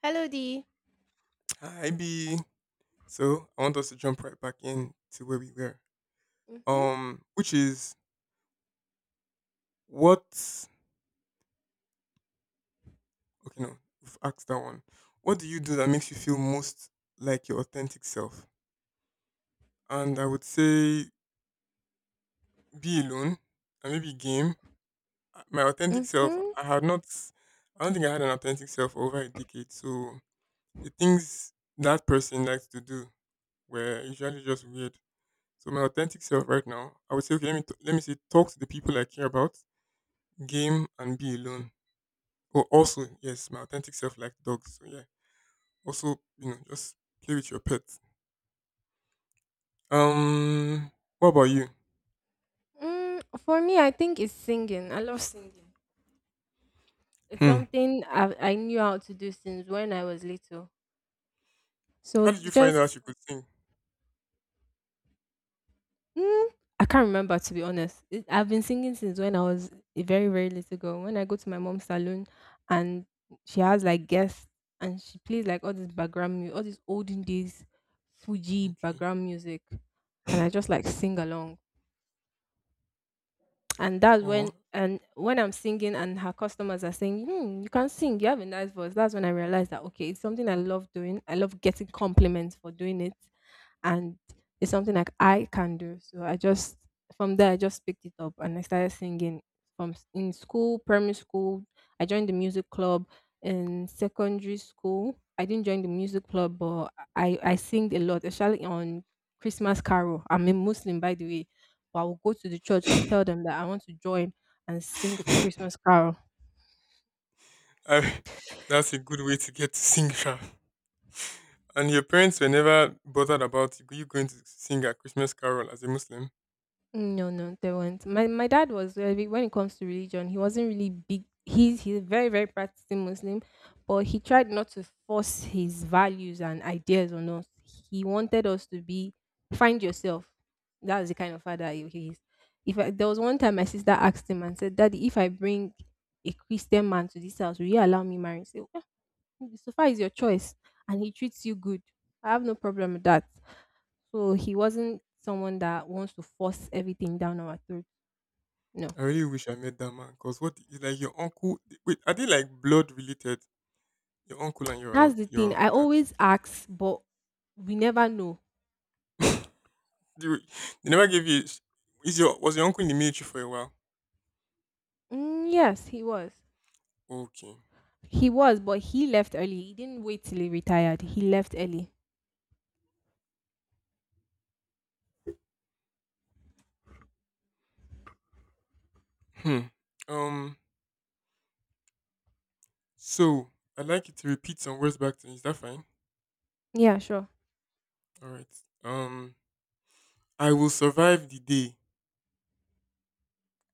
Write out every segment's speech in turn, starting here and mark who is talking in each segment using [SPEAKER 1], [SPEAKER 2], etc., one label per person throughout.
[SPEAKER 1] Hello, D.
[SPEAKER 2] Hi B. So I want us to jump right back in to where we were.
[SPEAKER 1] Mhm.
[SPEAKER 2] Which is what? Okay, no, we've asked that one. What do you do that makes you feel most like your authentic self? And I would say be alone and maybe game. My authentic self.
[SPEAKER 1] Mm-hmm.
[SPEAKER 2] I had not. I don't think I had an authentic self for over a decade. So the things that person likes to do were usually just weird. So my authentic self right now, I would say, okay, let me let me say, talk to the people I care about, game and be alone. Oh, also, yes, my authentic self likes dogs. So yeah, also, you know, just play with your pet. Um, what about you?
[SPEAKER 1] Mm, for me, I think it's singing. I love singing. It's
[SPEAKER 2] Hmm.
[SPEAKER 1] something I knew how to do since when I was little. So
[SPEAKER 2] How did you find out
[SPEAKER 1] just,
[SPEAKER 2] you could sing?
[SPEAKER 1] mm, I can't remember, to be honest. I've been singing since when I was a very, very little girl. When I go to my mom's salon and she has like guests and she plays like all this background music, all this olden days Fuji
[SPEAKER 2] Okay.
[SPEAKER 1] background music. And I just like sing along. and that's
[SPEAKER 2] Oh,
[SPEAKER 1] when and when I'm singing and her customers are saying, hmm, you can sing, you have a nice voice. That's when I realized that okay, it's something I love doing. I love getting compliments for doing it, and it's something like I can do. So I just, from there I just picked it up and I started singing in school, primary school. I joined the music club in secondary school. I didn't join the music club, but I sing a lot, especially on Christmas carol. I'm a Muslim, by the way, but I will go to the church and tell them that I want to join and sing for Christmas carol.
[SPEAKER 2] I, that's a good way to get to sing. sha. And your parents were never bothered about you going to sing a Christmas carol as a Muslim.
[SPEAKER 1] No, no, they weren't. My dad was very, when it comes to religion, he wasn't really big. He's a very very practicing Muslim, but he tried not to force his values and ideas on us. He wanted us to be, find yourself. That was the kind of father he is. If I, There was one time my sister asked him and said, "Daddy, if I bring a Christian man to this house, will you allow me marry?" He said, "Yeah, so far is your choice, and he treats you good. I have no problem with that." So he wasn't someone that wants to force everything down our throat. No.
[SPEAKER 2] I really wish I met that man because what is like your uncle? Wait, are they like blood related? Your uncle and
[SPEAKER 1] That's
[SPEAKER 2] your
[SPEAKER 1] the thing.
[SPEAKER 2] your
[SPEAKER 1] I
[SPEAKER 2] dad.
[SPEAKER 1] always ask, but we never know.
[SPEAKER 2] They they never gave you. Is your Was your uncle in the military for a while?
[SPEAKER 1] Mm, yes, he was.
[SPEAKER 2] Okay.
[SPEAKER 1] He was, but he left early. He didn't wait till he retired. He left early.
[SPEAKER 2] Hmm. Um. So I'd like you to repeat some words back to me. Is that fine?
[SPEAKER 1] Yeah, sure.
[SPEAKER 2] All right. Um. I will survive the day.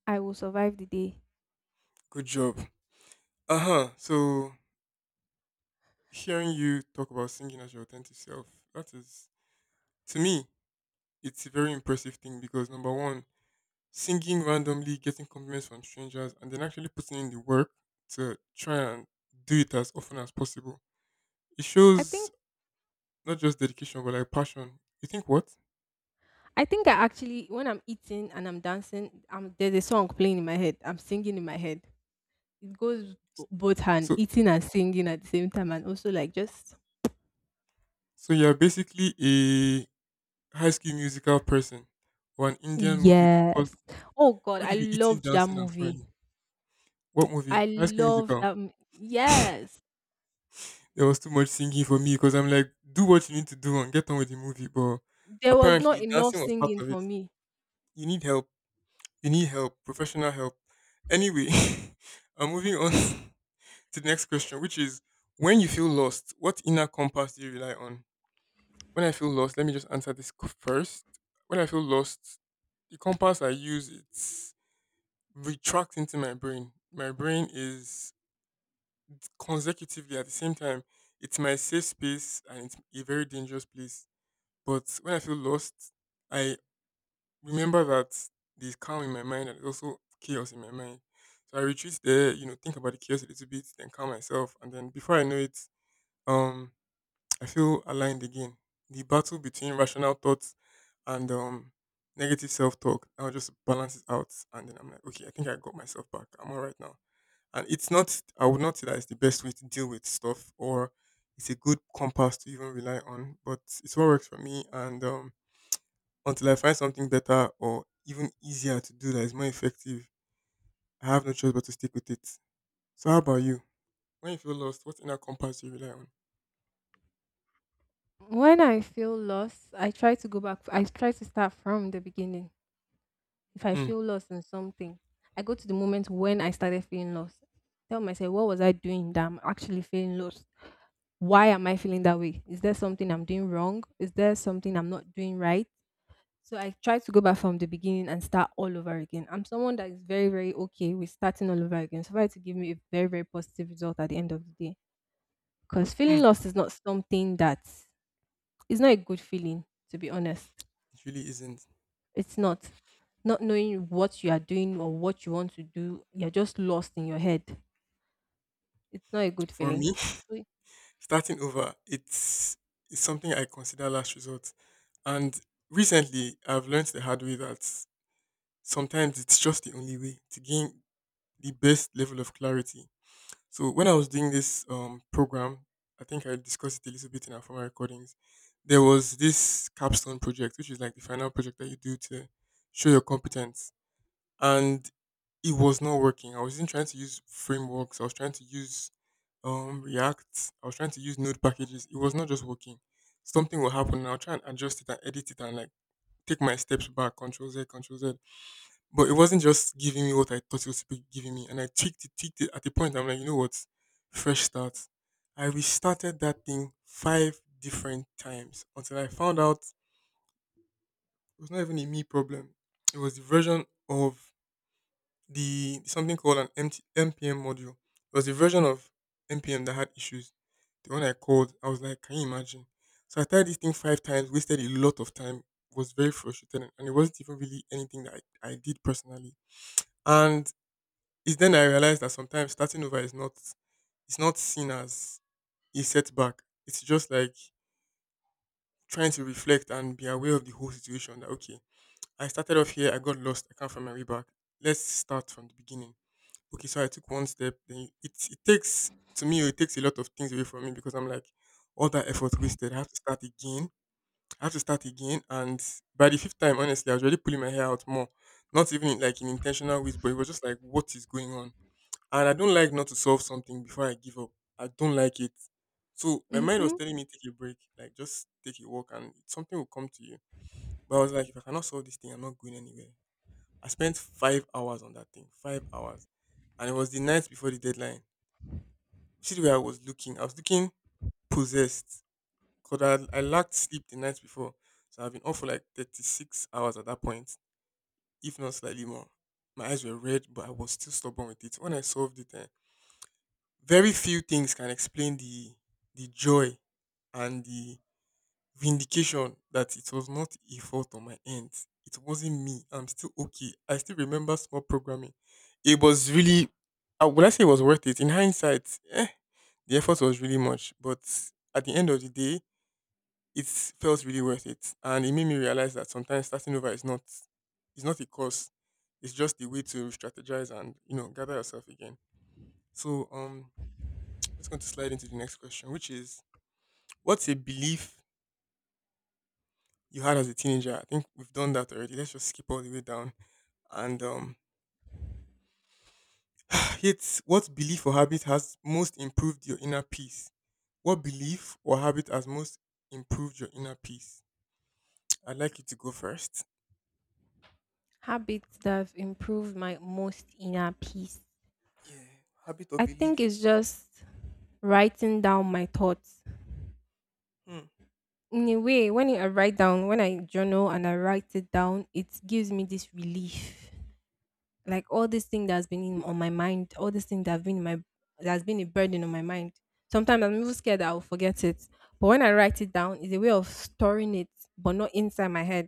[SPEAKER 1] I will survive the day.
[SPEAKER 2] Good job. Uh huh. So hearing you talk about singing as your authentic self, that is to me, it's a very impressive thing because number one, singing randomly, getting compliments from strangers, and then actually putting in the work to try and do it as often as possible. It
[SPEAKER 1] I
[SPEAKER 2] shows
[SPEAKER 1] think
[SPEAKER 2] not just dedication, but like passion. You think what?
[SPEAKER 1] I think I actually, when I'm eating and I'm dancing, I'm there's a song playing in my head. I'm singing in my head. It goes both hand,
[SPEAKER 2] So,
[SPEAKER 1] eating and singing at the same time, and also like just,
[SPEAKER 2] so you're basically a high school musical person or an Indian movie because
[SPEAKER 1] yes. Oh God,
[SPEAKER 2] how do
[SPEAKER 1] I
[SPEAKER 2] you be eating,
[SPEAKER 1] loved that
[SPEAKER 2] dancing, and
[SPEAKER 1] movie.
[SPEAKER 2] smiling? What movie?
[SPEAKER 1] I
[SPEAKER 2] High school
[SPEAKER 1] loved
[SPEAKER 2] musical.
[SPEAKER 1] that. Yes.
[SPEAKER 2] There was too much singing for me because I'm like, do what you need to do and get on with the movie. But
[SPEAKER 1] There was
[SPEAKER 2] apparently,
[SPEAKER 1] not enough
[SPEAKER 2] dancing was part
[SPEAKER 1] singing
[SPEAKER 2] of
[SPEAKER 1] for
[SPEAKER 2] it.
[SPEAKER 1] me.
[SPEAKER 2] You need help. You need help, professional help. Anyway, I'm moving on to the next question, which is when you feel lost, what inner compass do you rely on? When I feel lost, let me just answer this first. When I feel lost, the compass I use it retracts into my brain. My brain is consecutively at the same time. It's my safe space and it's a very dangerous place. But when I feel lost, I remember that there's calm in my mind and there's also chaos in my mind. So I retreat there, you know, think about the chaos a little bit, then calm myself, and then before I know it, um, I feel aligned again. The battle between rational thoughts and negative self talk. I'll just balance it out and then I'm like, okay, I think I got myself back. I'm all right now. And it's not, I would not say that it's the best way to deal with stuff or it's a good compass to even rely on, but it's what works for me, and until I find something better or even easier to do that is more effective, I have no choice but to stick with it. So how about you? When you feel lost, what inner compass do you rely on?
[SPEAKER 1] When I feel lost, I try to go back. I try to start from the beginning. If I
[SPEAKER 2] Hmm.
[SPEAKER 1] feel lost in something, I go to the moment when I started feeling lost. Tell myself, what was I doing that I'm actually feeling lost? Why am I feeling that way? Is there something I'm doing wrong? Is there something I'm not doing right? So I try to go back from the beginning and start all over again. I'm someone that is very, very okay with starting all over again. So for it to give me a very, very positive result at the end of the day. Because feeling
[SPEAKER 2] Hmm.
[SPEAKER 1] lost is not something that, is not a good feeling, to be honest.
[SPEAKER 2] It really isn't.
[SPEAKER 1] It's not. Not knowing what you are doing or what you want to do, you're just lost in your head. It's not a good
[SPEAKER 2] For
[SPEAKER 1] feeling.
[SPEAKER 2] me,
[SPEAKER 1] So,
[SPEAKER 2] starting over, it's something I consider last resort. And recently, I've learned the hard way that sometimes it's just the only way to gain the best level of clarity. So when I was doing this program, I think I discussed it a little bit in our former recordings. There was this capstone project, which is like the final project that you do to show your competence, and it was not working. I wasn't trying to use frameworks. I was trying to use React. I was trying to use Node packages. It was not just working. Something will happen, and I'll try and adjust it and edit it and like take my steps back, control Z. But it wasn't just giving me what I thought it was supposed to be giving me. And I tweaked it at the point I'm like, you know what? Fresh start. I restarted that thing five different times until I found out it was not even a me problem. It was the version of the something called an MT, module. It was a version of MPM that had issues. The one I called, I was like, can you imagine? So I tried this thing five times, wasted a lot of time, was very frustrated, and it wasn't even really anything that I did personally. And it's then I realized that sometimes starting over is not, it's not seen as a setback. It's just like trying to reflect and be aware of the whole situation. That okay, I started off here, I got lost, I can't find my way back. Let's start from the beginning, okay, so I took one step. Then it takes to me, it takes a lot of things away from me because I'm like all that effort wasted. I have to start again. I have to start again, and by the fifth time, honestly, I was already pulling my hair out more. Not even like in intentional ways, but it was just like what is going on. And I don't like not to solve something before I give up. I don't like it. So my mind was
[SPEAKER 1] mm-hmm.
[SPEAKER 2] telling me take a break, like just take a walk, and something will come to you. But I was like, if I cannot solve this thing, I'm not going anywhere. I spent 5 hours on that thing. 5 hours. And it was the night before the deadline. See the way I was looking. I was looking possessed. Because I lacked sleep the night before. So I've been up for like 36 hours at that point, if not slightly more. My eyes were red, but I was still stubborn with it. When I solved it, eh, very few things can explain the joy and the vindication that it was not a fault on my end. It wasn't me. I'm still okay. I still remember small programming. It was really, I say it was worth it? In hindsight, eh, the effort was really much. But at the end of the day, it felt really worth it. And it made me realize that sometimes starting over is not, it's not a cause. It's just a way to strategize and, you know, gather yourself again. So, let's go to slide into the next question, which is, what's a belief you had as a teenager. I think we've done that already. Let's just skip all the way down. And it's what belief or habit has most improved your inner peace? What belief or habit has most improved your inner peace? I'd like you to go first.
[SPEAKER 1] Habits that have improved my most inner peace.
[SPEAKER 2] Yeah, habit or
[SPEAKER 1] I think
[SPEAKER 2] belief.
[SPEAKER 1] it's just writing down my thoughts,
[SPEAKER 2] Hmm.
[SPEAKER 1] in a way. When I write down, when I journal and I write it down, it gives me this relief. Like all this thing that's been in, on my mind, all this thing that's been in my, that's been a burden on my mind, sometimes I'm even scared that I'll forget it, but when I write it down, it's a way of storing it, but not inside my head.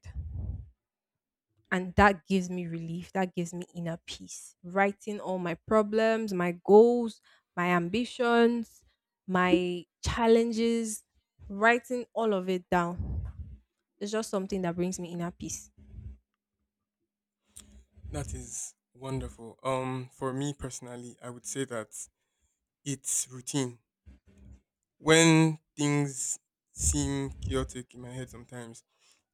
[SPEAKER 1] And that gives me relief, that gives me inner peace. Writing all my problems, my goals, my ambitions, my challenges, writing all of it down, it's just something that brings me inner peace.
[SPEAKER 2] That is wonderful. For me personally, I would say that it's routine. When things seem chaotic in my head sometimes,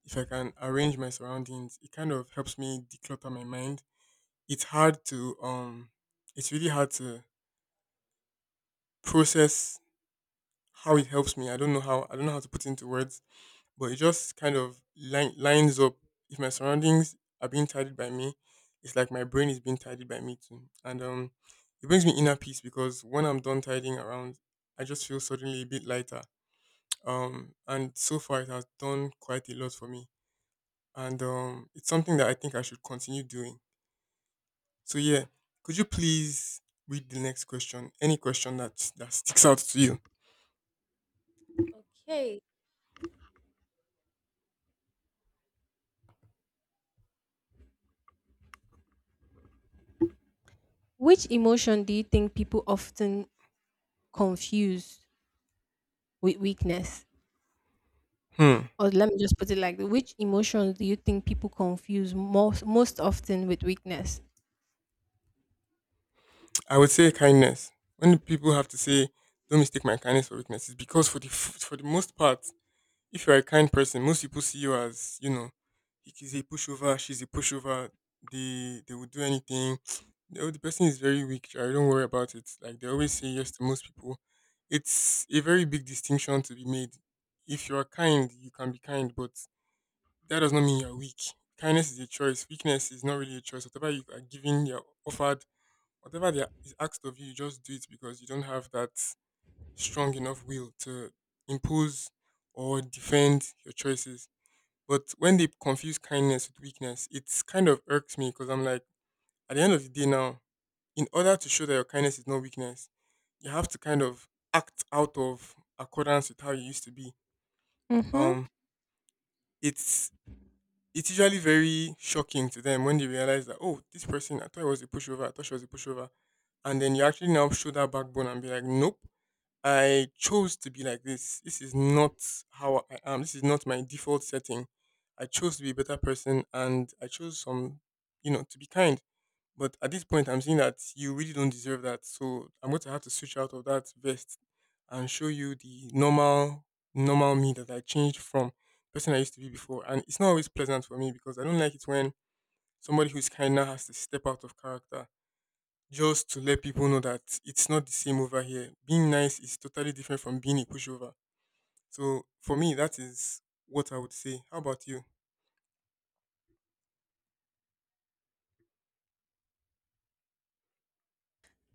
[SPEAKER 2] if I can arrange my surroundings, it kind of helps me declutter my mind. It's hard to it's really hard to process how it helps me. I don't know how, I don't know how to put into words, but it just kind of lines up. If my surroundings are being tidied by me, it's like my brain is being tidied by me too, and it brings me inner peace because when I'm done tidying around, I just feel suddenly a bit lighter. And so far it has done quite a lot for me, and it's something that I think I should continue doing. So yeah, could you please read the next question? Any question that sticks out to you?
[SPEAKER 1] Okay. Which emotion do you think people often confuse with weakness?
[SPEAKER 2] Hmm.
[SPEAKER 1] Or let me just put it like this, which emotions do you think people confuse most often with weakness?
[SPEAKER 2] I would say kindness. When people have to say, "Don't mistake my kindness for weakness," it's because for the for the most part, if you're a kind person, most people see you as, you know, he's a pushover, she's a pushover. They will do anything. Oh, the person is very weak. I don't worry about it. Like they always say yes to most people. It's a very big distinction to be made. If you are kind, you can be kind, but that does not mean you're weak. Kindness is a choice. Weakness is not really a choice. Whatever you are given, you're offered, whatever they is asked of you, you just do it because you don't have that strong enough will to impose or defend your choices. But when they confuse kindness with weakness, it's kind of irks me because I'm like, at the end of the day now, in order to show that your kindness is not weakness, you have to kind of act out of accordance with how you used to be.
[SPEAKER 1] Mm-hmm.
[SPEAKER 2] Um, it's it's usually very shocking to them when they realize that, oh, this person, I thought it was a pushover, I thought she was a pushover. And then you actually now show that backbone and be like, nope, I chose to be like this. This is not how I am. This is not my default setting. I chose to be a better person, and I chose some, to be kind. But at this point, I'm seeing that you really don't deserve that. So I'm going to have to switch out of that vest and show you the normal me that I changed from the person I used to be before. And it's not always pleasant for me because I don't like it when somebody who's kind now has to step out of character just to let people know that it's not the same over here. Being nice is totally different from being a pushover. So for me, that is what I would say. How about you?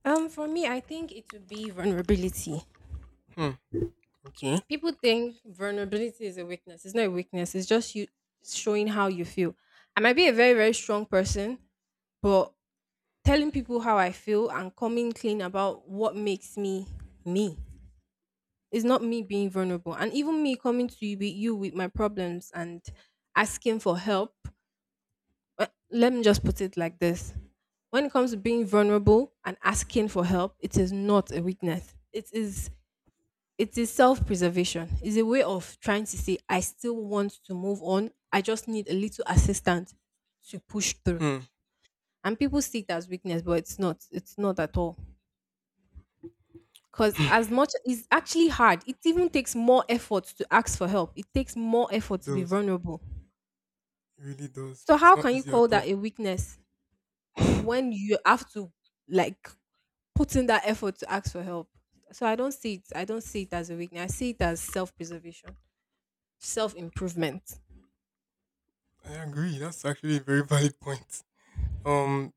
[SPEAKER 1] For me, I think it would be vulnerability.
[SPEAKER 2] Hmm. Okay.
[SPEAKER 1] People think vulnerability is a weakness. It's not a weakness. It's just you showing how you feel. I might be a very very strong person, but telling people how I feel and coming clean about what makes me, me. It's not me being vulnerable. And even me coming to you with my problems and asking for help. Let me just put it like this. When it comes to being vulnerable and asking for help, it is not a weakness. It is, it is self-preservation. It's a way of trying to say, I still want to move on. I just need a little assistance to push through.
[SPEAKER 2] Hmm.
[SPEAKER 1] And people see it as weakness, but it's not. It's not at all. Because as much, it's actually hard. It even takes more effort to ask for help. It takes more effort
[SPEAKER 2] It
[SPEAKER 1] to be
[SPEAKER 2] does.
[SPEAKER 1] vulnerable.
[SPEAKER 2] It really does.
[SPEAKER 1] So
[SPEAKER 2] It's
[SPEAKER 1] how
[SPEAKER 2] not
[SPEAKER 1] can you
[SPEAKER 2] easy
[SPEAKER 1] call
[SPEAKER 2] at all.
[SPEAKER 1] that a weakness when you have to, like, put in that effort to ask for help? So I don't see it. I don't see it as a weakness. I see it as self-preservation, self-improvement.
[SPEAKER 2] I agree. That's actually a very valid point. Um,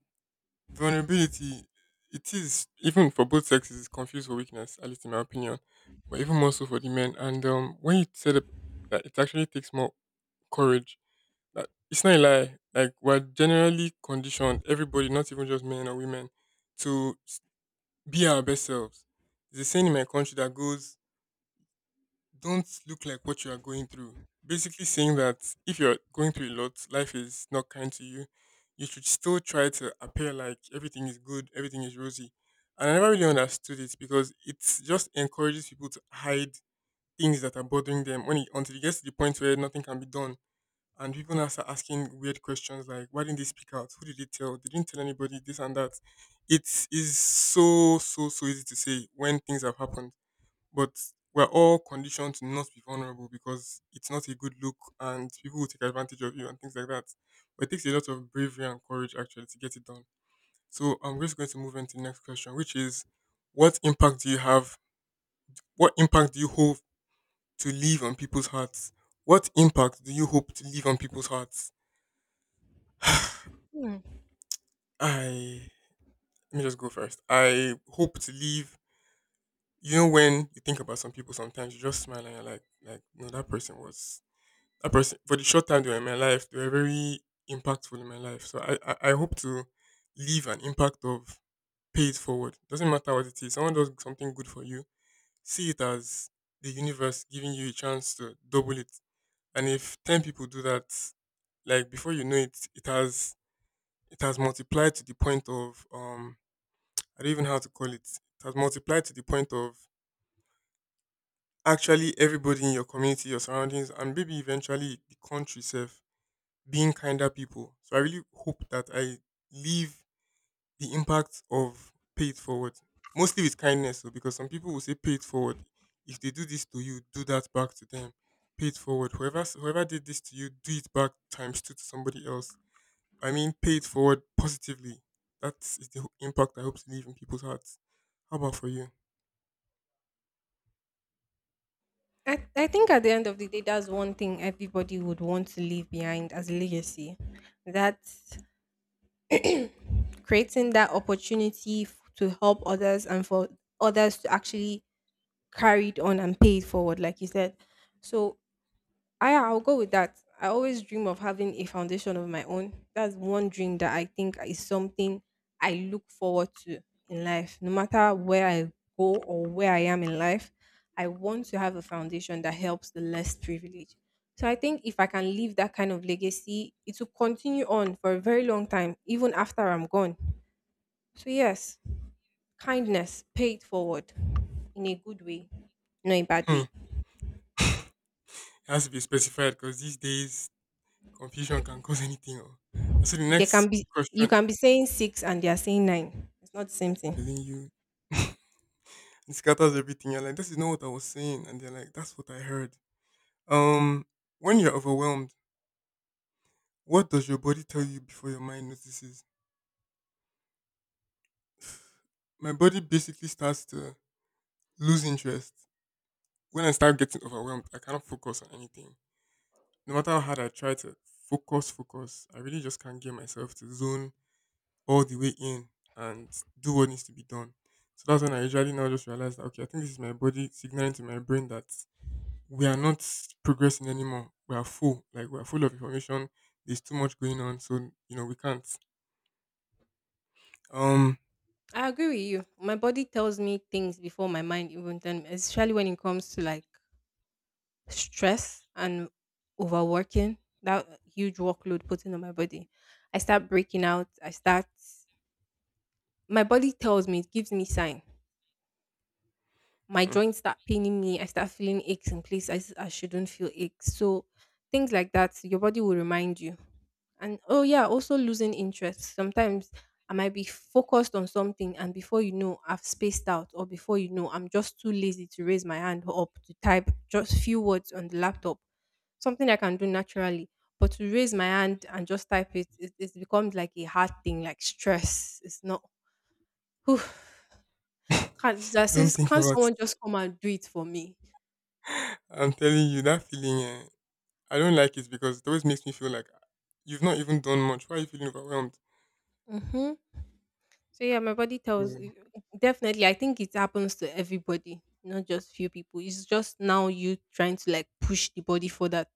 [SPEAKER 2] Vulnerability, it is, even for both sexes, it's confused for weakness, at least in my opinion, but even more so for the men. And when you said that it actually takes more courage, that it's not a lie. Like we're generally conditioned, everybody, not even just men or women, to be our best selves. There's a saying in my country that goes, don't look like what you are going through. Basically, saying that if you're going through a lot, life is not kind to you, you should still try to appear like everything is good, everything is rosy. And I never really understood it because it just encourages people to hide things that are bothering them until it gets to the point where nothing can be done. And people now start asking weird questions like, why didn't they speak out? Who did they tell? They didn't tell anybody, this and that. It is so, so, so easy to say when things have happened, but we're all conditioned to not be vulnerable because it's not a good look and people will take advantage of you and things like that. But it takes a lot of bravery and courage actually to get it done. So I'm just going to move into the next question, which is, what impact do you have? What impact do you hope to leave on people's hearts? What impact do you hope to leave on people's hearts?
[SPEAKER 1] Hmm.
[SPEAKER 2] I Let me just go first. I hope to leave. When you think about some people, sometimes you just smile and you're like, no, that person was a person for the short time they were in my life, they were very impactful in my life. So I hope to leave an impact of pay it forward. Doesn't matter what it is. Someone does something good for you. See it as the universe giving you a chance to double it. And if 10 people do that, like before you know it, it has multiplied to the point of I don't even know how to call it. It has multiplied to the point of actually everybody in your community, your surroundings, and maybe eventually the country itself being kinder people. So I really hope that I leave the impact of pay it forward. Mostly with kindness, though, because some people will say pay it forward. If they do this to you, do that back to them. Pay it forward. Whoever did this to you, do it back times two to somebody else. I mean, pay it forward positively. That is the impact I hope to leave in people's hearts. How about for you?
[SPEAKER 1] I think at the end of the day, that's one thing everybody would want to leave behind as a legacy. That's creating that opportunity to help others, and for others to actually carry it on and pay it forward, like you said. So I'll go with that. I always dream of having a foundation of my own. That's one dream that I think is something I look forward to in life. No matter where I go or where I am in life, I want to have a foundation that helps the less privileged. So I think if I can leave that kind of legacy, it will continue on for a very long time, even after I'm gone. So yes, kindness, pay it forward in a good way, not a bad
[SPEAKER 2] Hmm. It
[SPEAKER 1] way.
[SPEAKER 2] has to be specified because these days confusion can cause anything. Oh. And so the
[SPEAKER 1] They
[SPEAKER 2] next
[SPEAKER 1] can be, you
[SPEAKER 2] question,
[SPEAKER 1] can be saying six and they are saying nine. It's not the same thing.
[SPEAKER 2] telling you, it scatters everything. You're like, this is not what I was saying. And they're like, that's what I heard. Um, when you're overwhelmed, what does your body tell you before your mind notices? My body basically starts to lose interest. When I start getting overwhelmed, I cannot focus on anything. No matter how hard I try to focus, focus, I really just can't get myself to zone all the way in and do what needs to be done. So that's when I usually now just realize that, okay, I think this is my body signaling to my brain that we are not progressing anymore. We are full, like we are full of information. There's too much going on, so you know we can't. Um,
[SPEAKER 1] I agree with you. My body tells me things before my mind even tell me, especially when it comes to like stress and overworking, that huge workload putting on my body. I start breaking out. I start My body tells me, it gives me sign. My
[SPEAKER 2] hmm.
[SPEAKER 1] joints start paining me. I start feeling aches in place I shouldn't feel aches. So things like that, your body will remind you. And oh yeah, also losing interest. Sometimes I might be focused on something, and before you know, I've spaced out, or before you know, I'm just too lazy to raise my hand up to type just few words on the laptop. Something I can do naturally. But to raise my hand and just type it, it's become like a hard thing, like stress. It's not. Whew,
[SPEAKER 2] Don't think
[SPEAKER 1] can't
[SPEAKER 2] about
[SPEAKER 1] someone
[SPEAKER 2] it.
[SPEAKER 1] just come and do it for me?
[SPEAKER 2] I'm telling you that feeling. I don't like it because it always makes me feel like you've not even done much. Why are you feeling overwhelmed?
[SPEAKER 1] Mm-hmm. So yeah, my body tells
[SPEAKER 2] So,
[SPEAKER 1] Definitely. I think it happens to everybody, not just few people. It's just now you trying to like push the body for that.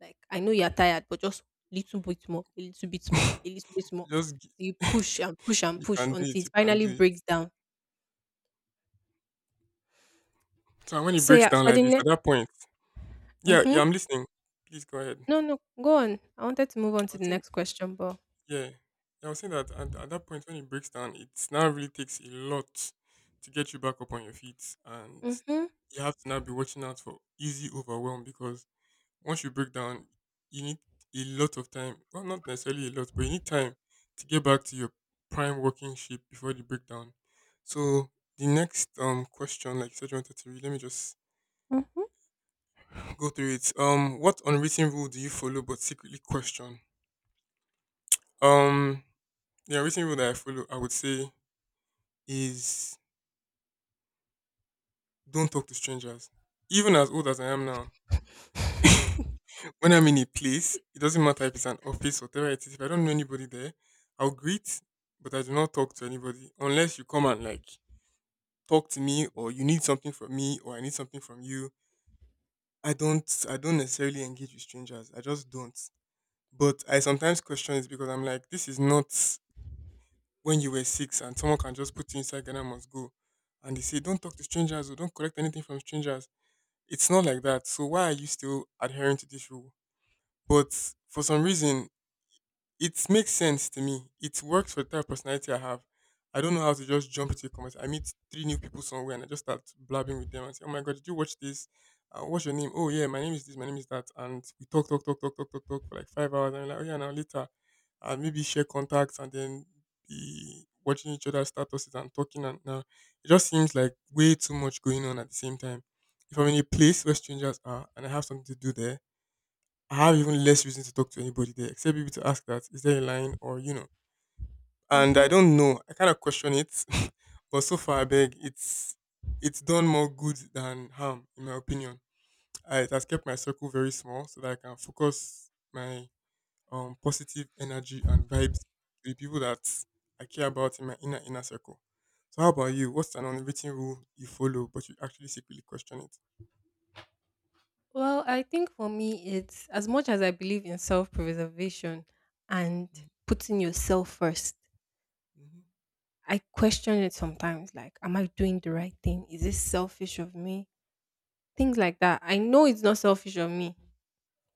[SPEAKER 1] Like I know you're tired, but just little bit more, a little bit more, a little bit more.
[SPEAKER 2] just
[SPEAKER 1] So,
[SPEAKER 2] g-
[SPEAKER 1] you push and push and
[SPEAKER 2] you can
[SPEAKER 1] push
[SPEAKER 2] do it.
[SPEAKER 1] until it
[SPEAKER 2] You can
[SPEAKER 1] finally
[SPEAKER 2] do it.
[SPEAKER 1] breaks down.
[SPEAKER 2] So when it
[SPEAKER 1] So
[SPEAKER 2] breaks
[SPEAKER 1] yeah,
[SPEAKER 2] down
[SPEAKER 1] for
[SPEAKER 2] like
[SPEAKER 1] the
[SPEAKER 2] this, at
[SPEAKER 1] next.
[SPEAKER 2] that point, yeah,
[SPEAKER 1] Mm-hmm.
[SPEAKER 2] yeah, I'm listening. Please go ahead. I
[SPEAKER 1] No, no, go on. I wanted to move on to
[SPEAKER 2] was
[SPEAKER 1] the
[SPEAKER 2] saying.
[SPEAKER 1] next question, but.
[SPEAKER 2] Yeah, yeah, I was saying that at that point when it breaks down, it's now really takes a lot to get you back up on your feet, and
[SPEAKER 1] Mm-hmm.
[SPEAKER 2] you have to now be watching out for easy overwhelm because once you break down, you need a lot of time. Well, not necessarily a lot, but you need time to get back to your prime working shape before the breakdown. So the next question, like you said, you wanted to read. Let me just go through it. What unwritten rule do you follow but secretly question? Um, the unwritten rule that I follow, I would say, is don't talk to strangers. Even as old as I am now,
[SPEAKER 1] Mm-hmm.
[SPEAKER 2] when I'm in a place, it doesn't matter if it's an office, or whatever it is, if I don't know anybody there, I'll greet, but I do not talk to anybody unless you come and like talk to me or you need something from me or I need something from you. I don't necessarily engage with strangers. I just don't. But I sometimes question it because I'm like, this is not when you were 6 and someone can just put you inside Ghana must go. And they say, don't talk to strangers or don't collect anything from strangers. It's not like that. So why are you still adhering to this rule? But for some reason, it makes sense to me. It works for the type of personality I have. I don't know how to just jump to a conversation. I meet three new people somewhere and I just start blabbing with them and say, "Oh my god, did you watch this? What's your name? Oh yeah, my name is this. My name is that." And we talk, talk, talk, talk, talk, talk, talk for like 5 hours. And we're like, "Oh yeah, now later, maybe share contacts and then be watching each other's statuses and talking." And now it just seems like way too much going on at the same time. If I'm in a place where strangers are and I have something to do there, I have even less reason to talk to anybody there, except maybe to ask that, is there a line or. And I
[SPEAKER 1] mm-hmm.
[SPEAKER 2] don't know. I kind of question it. But so far, I beg, it's done more good than harm, in my opinion. It has kept my circle very small so that I can focus my positive energy and vibes to the people that I care about in my inner, inner circle. So how about you? What's an unwritten rule you follow, but you actually secretly question it?
[SPEAKER 1] Well, I think for me, it's as much as I believe in self preservation and putting yourself first, I question it sometimes like, am I doing the right thing? Is this selfish of me? Things like that. I know it's not selfish of me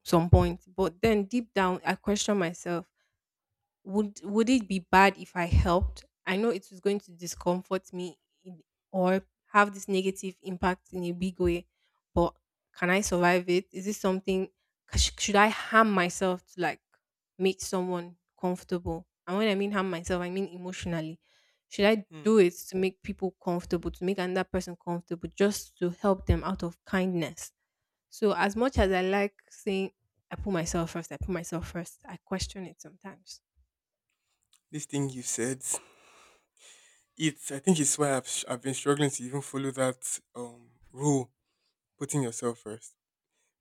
[SPEAKER 1] some point, but then deep down, I question myself, would it be bad if I helped? I know it was going to discomfort me in, or have this negative impact in a big way, but can I survive it? Is this something, should I harm myself to like make someone comfortable? And when I mean harm myself, I mean emotionally. Should I
[SPEAKER 2] Mm-hmm.
[SPEAKER 1] do it to make people comfortable, to make another person comfortable, just to help them out of kindness? So as much as I like saying, I put myself first, I put myself first, I question it sometimes.
[SPEAKER 2] This thing you said, It's I think it's why I've been struggling to even follow that rule, putting yourself first,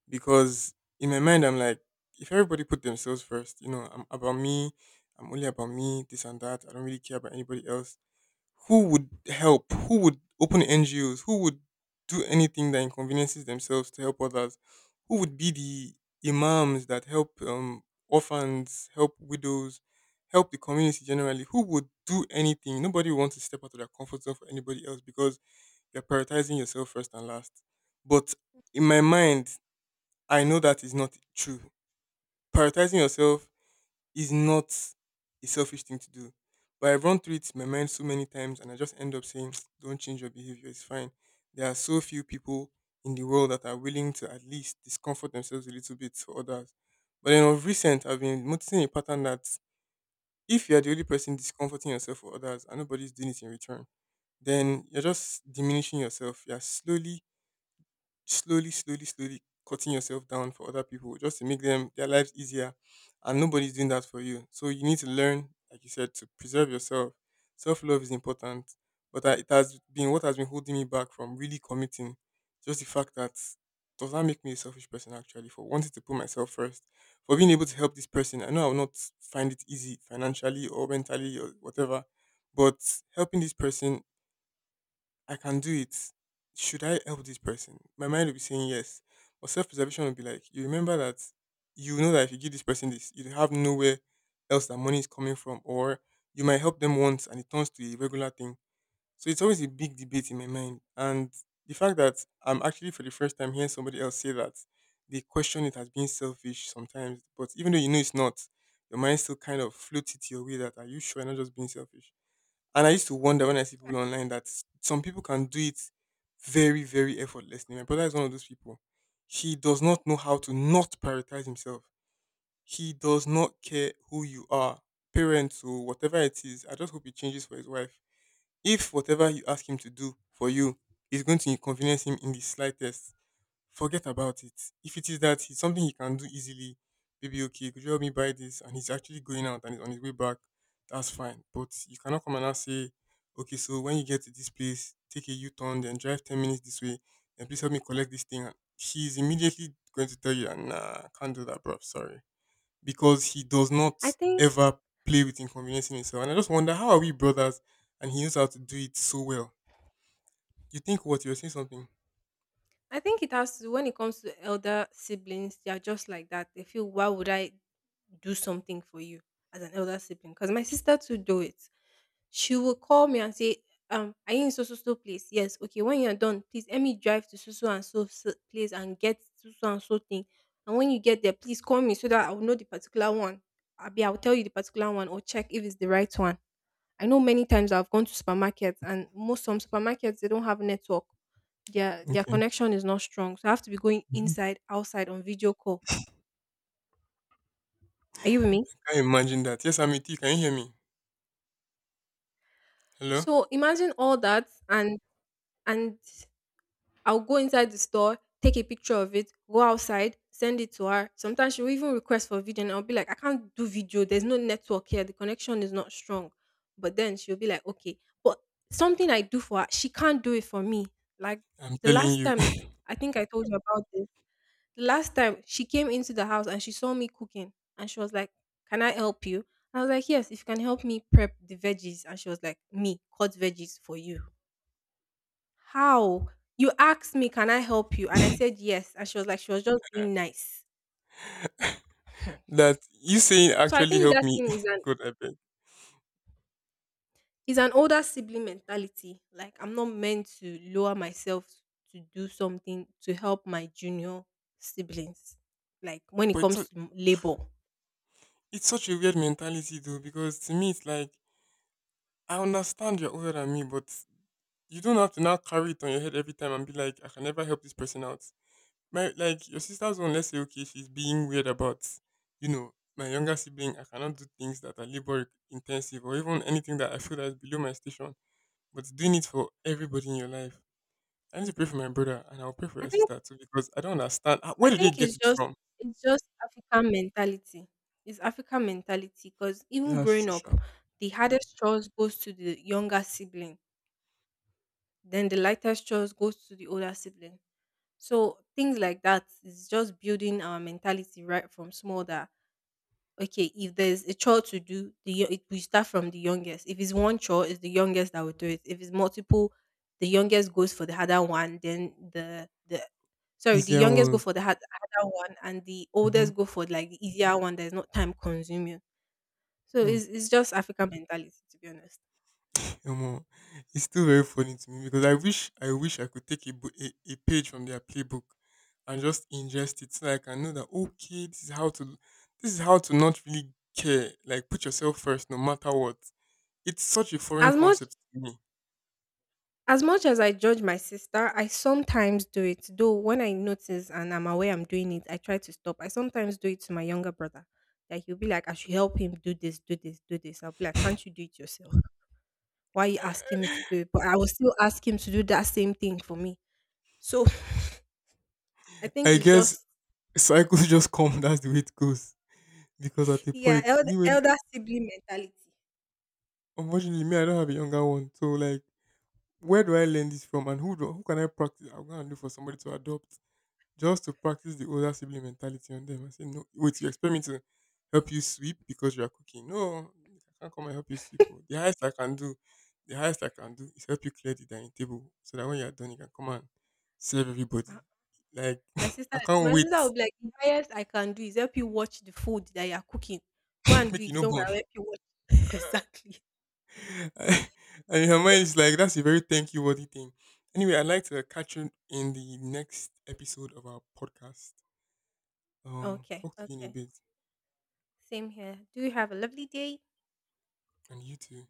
[SPEAKER 2] because in my mind I'm like, if everybody put themselves first, you know, I'm about me, I'm only about me, this and that. I don't really care about anybody else. Who would help? Who would open NGOs? Who would do anything that inconveniences themselves to help others? Who would be the imams that help orphans, help widows, help the community generally? Who would do anything? Nobody wants to step out of their comfort zone for anybody else because you're prioritizing yourself first and last. But in my mind, I know that is not true. Prioritizing yourself is not a selfish thing to do. But I've run through it in my mind so many times and I just end up saying, don't change your behavior, it's fine. There are so few people in the world that are willing to at least discomfort themselves a little bit for others. But then of recent, I've been noticing a pattern that if you are the only person discomforting yourself for others and nobody's doing it in return, then you're just diminishing yourself. You're slowly slowly, slowly, slowly cutting yourself down for other people just to make them their lives easier. And nobody's doing that for you. So you need to learn, like you said, to preserve yourself. Self love is important, but it has been what has been holding me back from really committing. Just the fact that does that make me a selfish person actually for wanting to put myself first, for being able to help this person. I know I will not find it easy financially or mentally or whatever, but helping this person I can do it. Should I help this person? My mind will be saying yes. But self preservation will be like, you remember that you know that if you give this person this, you have nowhere else that money is coming from, or you might help them once and it turns to a regular thing. So it's always a big debate in my mind. And the fact that I'm actually for the first time hearing somebody else say that they question it as being selfish sometimes, but even though you know it's not, your mind still kind of floats it your way that are you sure you're not just being selfish? And I used to wonder when I see people online that some people can do it very, very effortlessly. My brother is one of those people. He does not know how to not prioritize himself. He does not care who you are, parents or whatever it is. I just hope it changes for his wife. If whatever you ask him to do for you is going to inconvenience him in the slightest, forget about it. If it is that it's something he can do easily, maybe okay, could you help me buy this? And he's actually going out and he's on his way back, that's fine. But you cannot come and now say, okay, so when you get to this place, take a U turn, then drive 10 minutes this way, then please help me collect this thing. And he's immediately going to tell you, "Ah, nah, can't do that, bro. Sorry. Because he does
[SPEAKER 1] I
[SPEAKER 2] not
[SPEAKER 1] think
[SPEAKER 2] ever play with inconveniencing himself. And I just wonder, how are we brothers? And he knows how to do it so well. You think what? You're saying something?
[SPEAKER 1] I think it has to, when it comes to elder siblings, they are just like that. They feel, why would I do something for you as an elder sibling? Because my sister to do it. She will call me and say, are you in so so so place? Yes, okay, when you're done, please let me drive to so so and so so place and get so so and so thing. And when you get there, please call me so that I will know the particular one. Abi, I will tell you the particular one or check if it's the right one. I know many times I've gone to supermarkets, and most, some supermarkets they don't have network. Their
[SPEAKER 2] Okay.
[SPEAKER 1] connection is not strong. So I have to be going inside, outside on video call. Are you with me?
[SPEAKER 2] Can you imagine that? Yes, I'm with you. Can you hear me? Hello?
[SPEAKER 1] So imagine all that, and I'll go inside the store, take a picture of it, go outside, send it to her. Sometimes she'll even request for video and I'll be like, I can't do video. There's no network here. The connection is not strong. But then she'll be like, okay. But something I do for her, she can't do it for me. Like
[SPEAKER 2] I'm
[SPEAKER 1] the
[SPEAKER 2] telling
[SPEAKER 1] last
[SPEAKER 2] you,
[SPEAKER 1] time, I think I told you about this. The last time she came into the house and she saw me cooking and she was like, "Can I help you?" I was like, "Yes, if you can help me prep the veggies." And she was like, "Me, cut veggies for you. How?" You asked me, "Can I help you?" And I said yes. And she was like, she was just being nice.
[SPEAKER 2] that you saying
[SPEAKER 1] So I
[SPEAKER 2] actually
[SPEAKER 1] think
[SPEAKER 2] helped
[SPEAKER 1] that
[SPEAKER 2] me.
[SPEAKER 1] thing
[SPEAKER 2] God, I beg.
[SPEAKER 1] is an older sibling mentality. Like I'm not meant to lower myself to do something to help my junior siblings. Like when it
[SPEAKER 2] But it's, su-
[SPEAKER 1] comes to labor,
[SPEAKER 2] it's such a weird mentality, though, because to me, it's like, I understand you're older than me, but you don't have to now carry it on your head every time and be like, I can never help this person out. Like, your sister's one, let's say, okay, she's being weird about, you know, my younger sibling, I cannot do things that are labor intensive or even anything that I feel that is below my station, but doing it for everybody in your life I need to pray for my brother and I'll pray for
[SPEAKER 1] I
[SPEAKER 2] your
[SPEAKER 1] think
[SPEAKER 2] sister too because I don't understand.
[SPEAKER 1] I
[SPEAKER 2] Where did they
[SPEAKER 1] think
[SPEAKER 2] get it from?
[SPEAKER 1] it's just African mentality. It's African mentality, because
[SPEAKER 2] Yeah,
[SPEAKER 1] even
[SPEAKER 2] that's
[SPEAKER 1] growing
[SPEAKER 2] true,
[SPEAKER 1] up,
[SPEAKER 2] sure.
[SPEAKER 1] the hardest chores goes to the younger sibling, then the lightest chores goes to the older sibling. So things like that is just building our mentality right from small, that okay, if there's a chore to do, we start from the youngest. If it's one chore, it's the youngest that will do it. If it's multiple, the youngest goes for the harder one. Then the
[SPEAKER 2] Easier
[SPEAKER 1] youngest go
[SPEAKER 2] ones.
[SPEAKER 1] for the harder one, and the
[SPEAKER 2] Mm-hmm.
[SPEAKER 1] oldest go for like the easier one that is not time consuming. So
[SPEAKER 2] Hmm.
[SPEAKER 1] it's just African mentality, to be honest.
[SPEAKER 2] Omo, it's still very funny to me because I wish I wish I could take a page from their playbook and just ingest it so I can know that okay, this is how to not really care. Like put yourself first no matter what. It's such a foreign
[SPEAKER 1] As much
[SPEAKER 2] concept to me.
[SPEAKER 1] As much as I judge my sister, I sometimes do it. Though when I notice and I'm aware I'm doing it, I try to stop. I sometimes do it to my younger brother. Like he'll be like, I should help him do this, do this, do this. I'll be like, can't you do it yourself? Why are you asking me to do it? But I will still ask him to do that same thing for me. So I think
[SPEAKER 2] I
[SPEAKER 1] it's
[SPEAKER 2] guess
[SPEAKER 1] just
[SPEAKER 2] cycles just come, that's the way it goes. Because at a
[SPEAKER 1] yeah,
[SPEAKER 2] point, me when—
[SPEAKER 1] elder sibling mentality.
[SPEAKER 2] unfortunately, me, I don't have a younger one. So like, where do I learn this from, and who can I practice? I'm gonna look for somebody to adopt just to practice the older sibling mentality on them. I say, no, wait, you expect me to help you sweep because you are cooking? No, I can't come and help you sweep. Oh. The highest I can do, the highest I can do is help you clear the dining table so that when you are done, you can come and serve
[SPEAKER 1] Uh,
[SPEAKER 2] everybody. Like, I can't
[SPEAKER 1] My sister
[SPEAKER 2] wait.
[SPEAKER 1] will be like, the highest I can do is help you watch the food that you're cooking. Go and do
[SPEAKER 2] Make you
[SPEAKER 1] it.
[SPEAKER 2] no
[SPEAKER 1] Don't worry,
[SPEAKER 2] born.
[SPEAKER 1] I'll help you watch. Exactly.
[SPEAKER 2] And your mind is like, that's a very thank you worthy thing. Anyway, I'd like to catch you in the next episode of our podcast.
[SPEAKER 1] Okay.
[SPEAKER 2] Talk to you in a
[SPEAKER 1] Okay.
[SPEAKER 2] bit,
[SPEAKER 1] Same here. Do you have a lovely day?
[SPEAKER 2] and you too.